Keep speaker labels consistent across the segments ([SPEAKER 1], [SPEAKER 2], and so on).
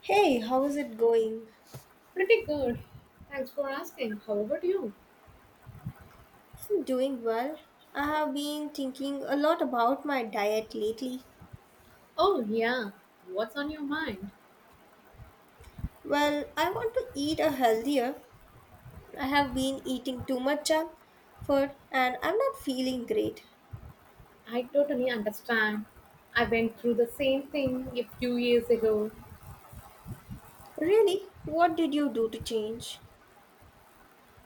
[SPEAKER 1] Hey, how is it going?
[SPEAKER 2] Pretty good. Thanks for asking. How about you?
[SPEAKER 1] I'm doing well. I have been thinking a lot about my diet lately.
[SPEAKER 2] Oh, yeah. What's on your mind?
[SPEAKER 1] Well, I want to eat a healthier. I have been eating too much junk food and I'm not feeling great.
[SPEAKER 2] I totally understand. I went through the same thing a few years ago.
[SPEAKER 1] Really? What did you do to change?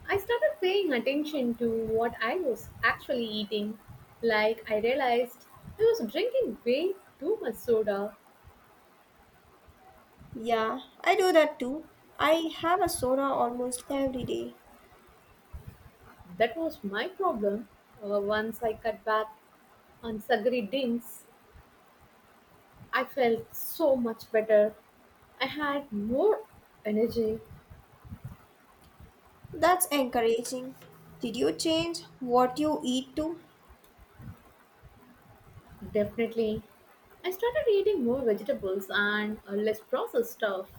[SPEAKER 2] I started paying attention to what I was actually eating. Like, I realized I was drinking way too much soda.
[SPEAKER 1] Yeah, I do that too. I have a soda almost every day.
[SPEAKER 2] That was my problem. Once I cut back on sugary drinks, I felt so much better. I had more energy.
[SPEAKER 1] That's encouraging. Did you change what you eat too?
[SPEAKER 2] Definitely. I started eating more vegetables and less processed stuff.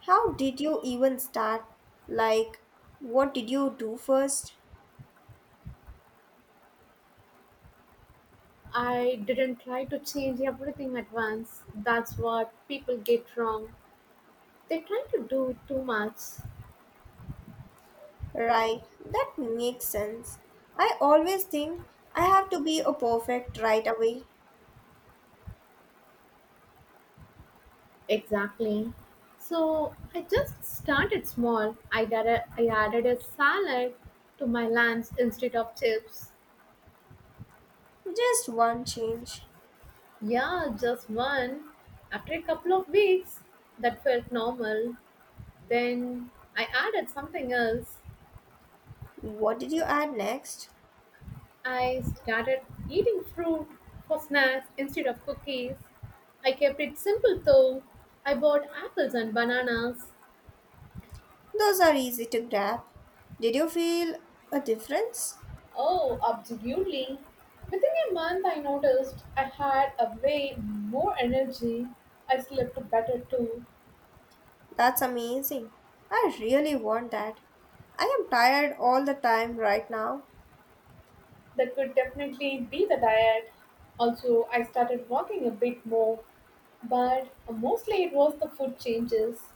[SPEAKER 1] How did you even start? Like, what did you do first?
[SPEAKER 2] I didn't try to change everything at once. That's what people get wrong. They try to do too much.
[SPEAKER 1] Right, that makes sense. I always think I have to be a perfect right away.
[SPEAKER 2] Exactly. So I just started small. I added a salad to my lunch instead of chips.
[SPEAKER 1] Just one change.
[SPEAKER 2] Yeah, just one. After a couple of weeks, that felt normal. Then I added something else.
[SPEAKER 1] What did you add next?
[SPEAKER 2] I started eating fruit for snacks instead of cookies. I kept it simple though. I bought apples and bananas.
[SPEAKER 1] Those are easy to grab. Did you feel a difference?
[SPEAKER 2] Oh, absolutely. Within a month, I noticed I had a way more energy. I slept better too.
[SPEAKER 1] That's amazing. I really want that. I am tired all the time right now.
[SPEAKER 2] That could definitely be the diet. Also, I started walking a bit more, but mostly it was the food changes.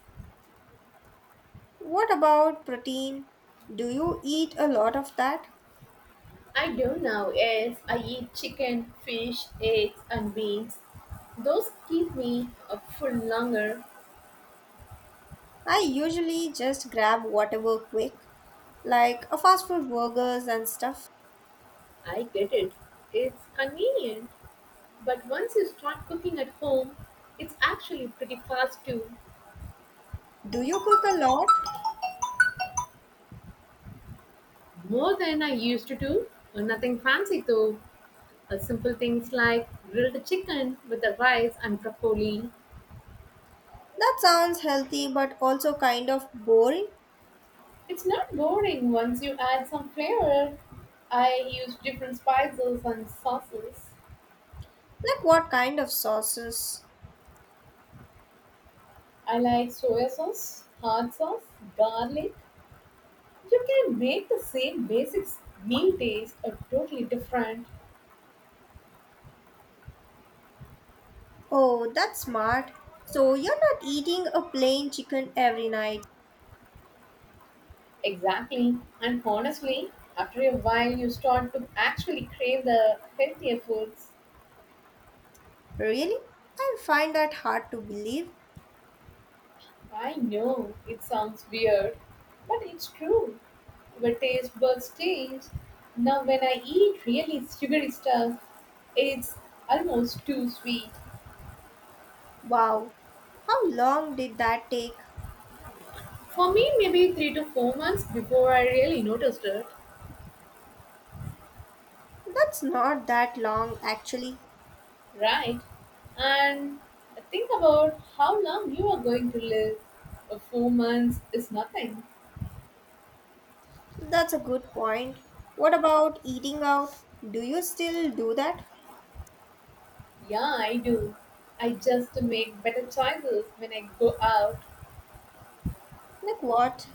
[SPEAKER 1] What about protein? Do you eat a lot of that?
[SPEAKER 2] I do now, yes. I eat chicken, fish, eggs, and beans. Those keep me up full longer.
[SPEAKER 1] I usually just grab whatever quick, like a fast food burgers and stuff.
[SPEAKER 2] I get it. It's convenient. But once you start cooking at home, it's actually pretty fast too.
[SPEAKER 1] Do you cook a lot?
[SPEAKER 2] More than I used to do. Nothing fancy though. Simple things like grilled chicken with the rice and broccoli.
[SPEAKER 1] That sounds healthy but also kind of boring.
[SPEAKER 2] It's not boring once you add some flavor. I use different spices and sauces.
[SPEAKER 1] Like what kind of sauces?
[SPEAKER 2] I like soy sauce, hot sauce, garlic. You can make the same basic meal taste a totally different.
[SPEAKER 1] Oh, that's smart. So you're not eating a plain chicken every night.
[SPEAKER 2] Exactly. And honestly, after a while, you start to actually crave the healthier foods.
[SPEAKER 1] Really? I find that hard to believe.
[SPEAKER 2] I know it sounds weird, but it's true. Our taste buds change. Now, when I eat really sugary stuff, it's almost too sweet.
[SPEAKER 1] Wow, how long did that take?
[SPEAKER 2] For me, maybe 3 to 4 months before I really noticed it.
[SPEAKER 1] That's not that long actually.
[SPEAKER 2] Right. And think about how long you are going to live. 4 months is nothing.
[SPEAKER 1] That's a good point. What about eating out? Do you still do that?
[SPEAKER 2] Yeah, I do. I just make better choices when I go out.
[SPEAKER 1] Like what?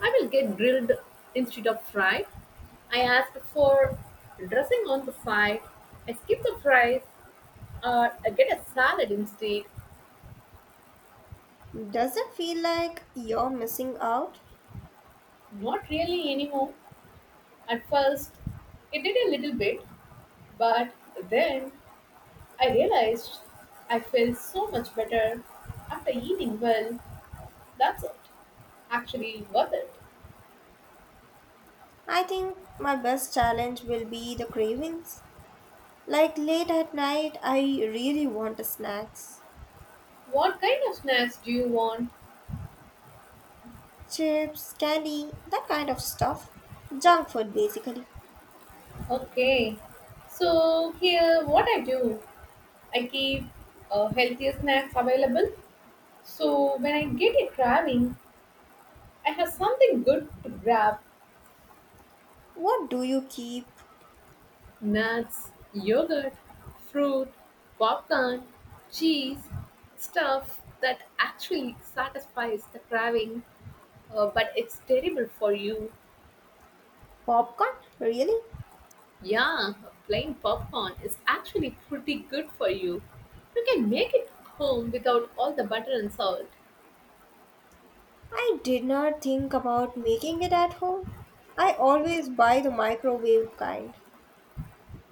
[SPEAKER 2] I will get grilled instead of fried. I ask for dressing on the side. I skip the fries or I get a salad instead.
[SPEAKER 1] Does it feel like you're missing out?
[SPEAKER 2] Not really anymore. At first, it did a little bit, but then I realized I felt so much better after eating well. That's it. Actually worth it.
[SPEAKER 1] I think my best challenge will be the cravings. Like late at night, I really want a snacks,
[SPEAKER 2] What kind of snacks do you want?
[SPEAKER 1] chips, candy, that kind of stuff. Junk food basically.
[SPEAKER 2] Okay. So here what I do, I keep healthier snacks available. So when I get a craving, I have something good to grab.
[SPEAKER 1] What do you keep?
[SPEAKER 2] Nuts, yogurt, fruit, popcorn, cheese, stuff that actually satisfies the craving. But it's terrible for you.
[SPEAKER 1] Popcorn? Really?
[SPEAKER 2] Yeah, plain popcorn is actually pretty good for you. You can make it home without all the butter and salt.
[SPEAKER 1] I did not think about making it at home. I always buy the microwave kind.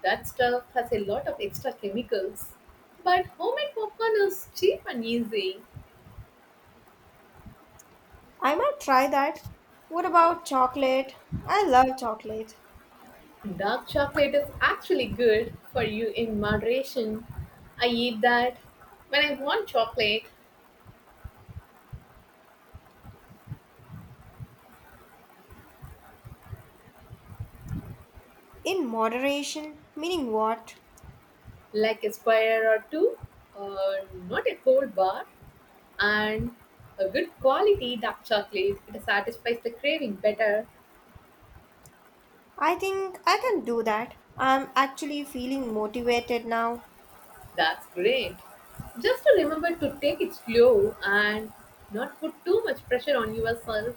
[SPEAKER 2] That stuff has a lot of extra chemicals. But homemade popcorn is cheap and easy.
[SPEAKER 1] I might try that. What about chocolate? I love chocolate.
[SPEAKER 2] Dark chocolate is actually good for you in moderation. I eat that when I want chocolate,
[SPEAKER 1] In moderation, meaning what?
[SPEAKER 2] like a square or two, uh, not a whole bar. And a good quality dark chocolate. It satisfies the craving better.
[SPEAKER 1] I think I can do that. I'm actually feeling motivated now.
[SPEAKER 2] That's great. Just to remember to take it slow and not put too much pressure on yourself.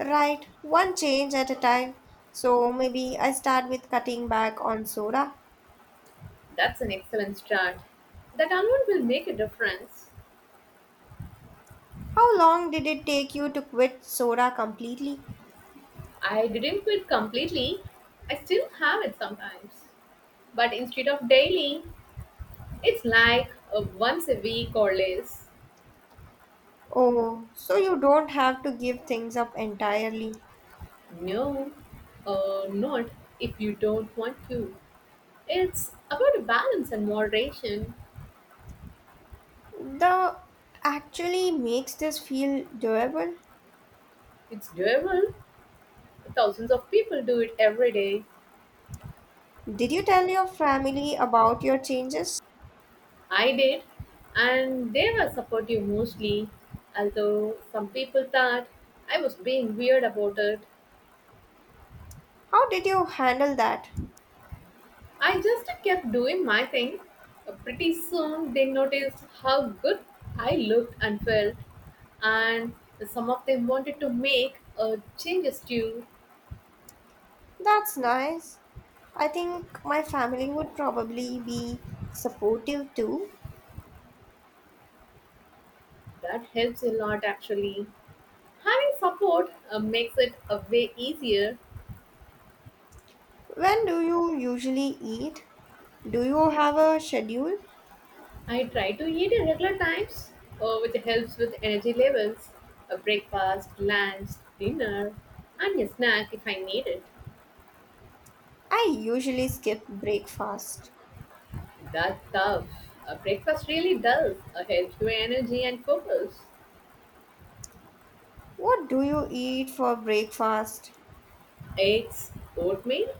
[SPEAKER 1] Right, one change at a time. So maybe I start with cutting back on soda.
[SPEAKER 2] That's an excellent start. That alone will make a difference.
[SPEAKER 1] How long did it take you to quit soda completely?
[SPEAKER 2] I didn't quit completely. I still have it sometimes. But instead of daily, it's like a once a week or less.
[SPEAKER 1] Oh, so you don't have to give things up entirely.
[SPEAKER 2] No, not if you don't want to. It's about a balance and moderation.
[SPEAKER 1] The actually makes this feel doable.
[SPEAKER 2] It's doable. Thousands of people do it every day.
[SPEAKER 1] Did you tell your family about your changes?
[SPEAKER 2] I did, and they were supportive mostly. Although some people thought I was being weird about it,
[SPEAKER 1] How did you handle that?
[SPEAKER 2] I just kept doing my thing. Pretty soon, they noticed how good I looked and felt, and some of them wanted to make changes too.
[SPEAKER 1] That's nice. I think my family would probably be supportive too.
[SPEAKER 2] That helps a lot actually. Having support makes it a way easier.
[SPEAKER 1] When do you usually eat? Do you have a schedule?
[SPEAKER 2] I try to eat at regular times, which helps with energy levels, a breakfast, lunch, dinner, and a snack if I need it.
[SPEAKER 1] I usually skip breakfast.
[SPEAKER 2] That's tough. A breakfast really does help your energy and focus.
[SPEAKER 1] What do you eat for breakfast?
[SPEAKER 2] Eggs, oatmeal,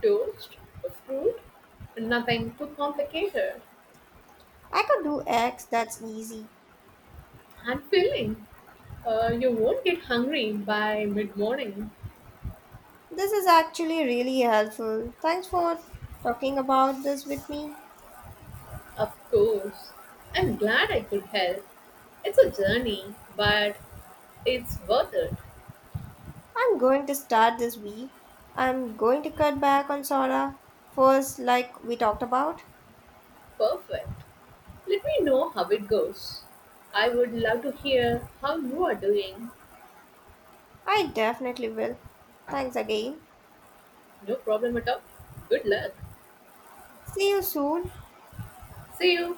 [SPEAKER 2] toast, fruit, nothing too complicated
[SPEAKER 1] I could do eggs, that's easy.
[SPEAKER 2] and filling. You won't get hungry by mid morning.
[SPEAKER 1] This is actually really helpful. Thanks for talking about this with me.
[SPEAKER 2] Of course. I'm glad I could help. It's a journey, but it's worth it.
[SPEAKER 1] I'm going to start this week. I'm going to cut back on soda first, like we talked about.
[SPEAKER 2] Perfect. Let me know how it goes. I would love to hear how you are doing.
[SPEAKER 1] I definitely will. Thanks again.
[SPEAKER 2] No problem at all. Good luck.
[SPEAKER 1] See you soon.
[SPEAKER 2] See you.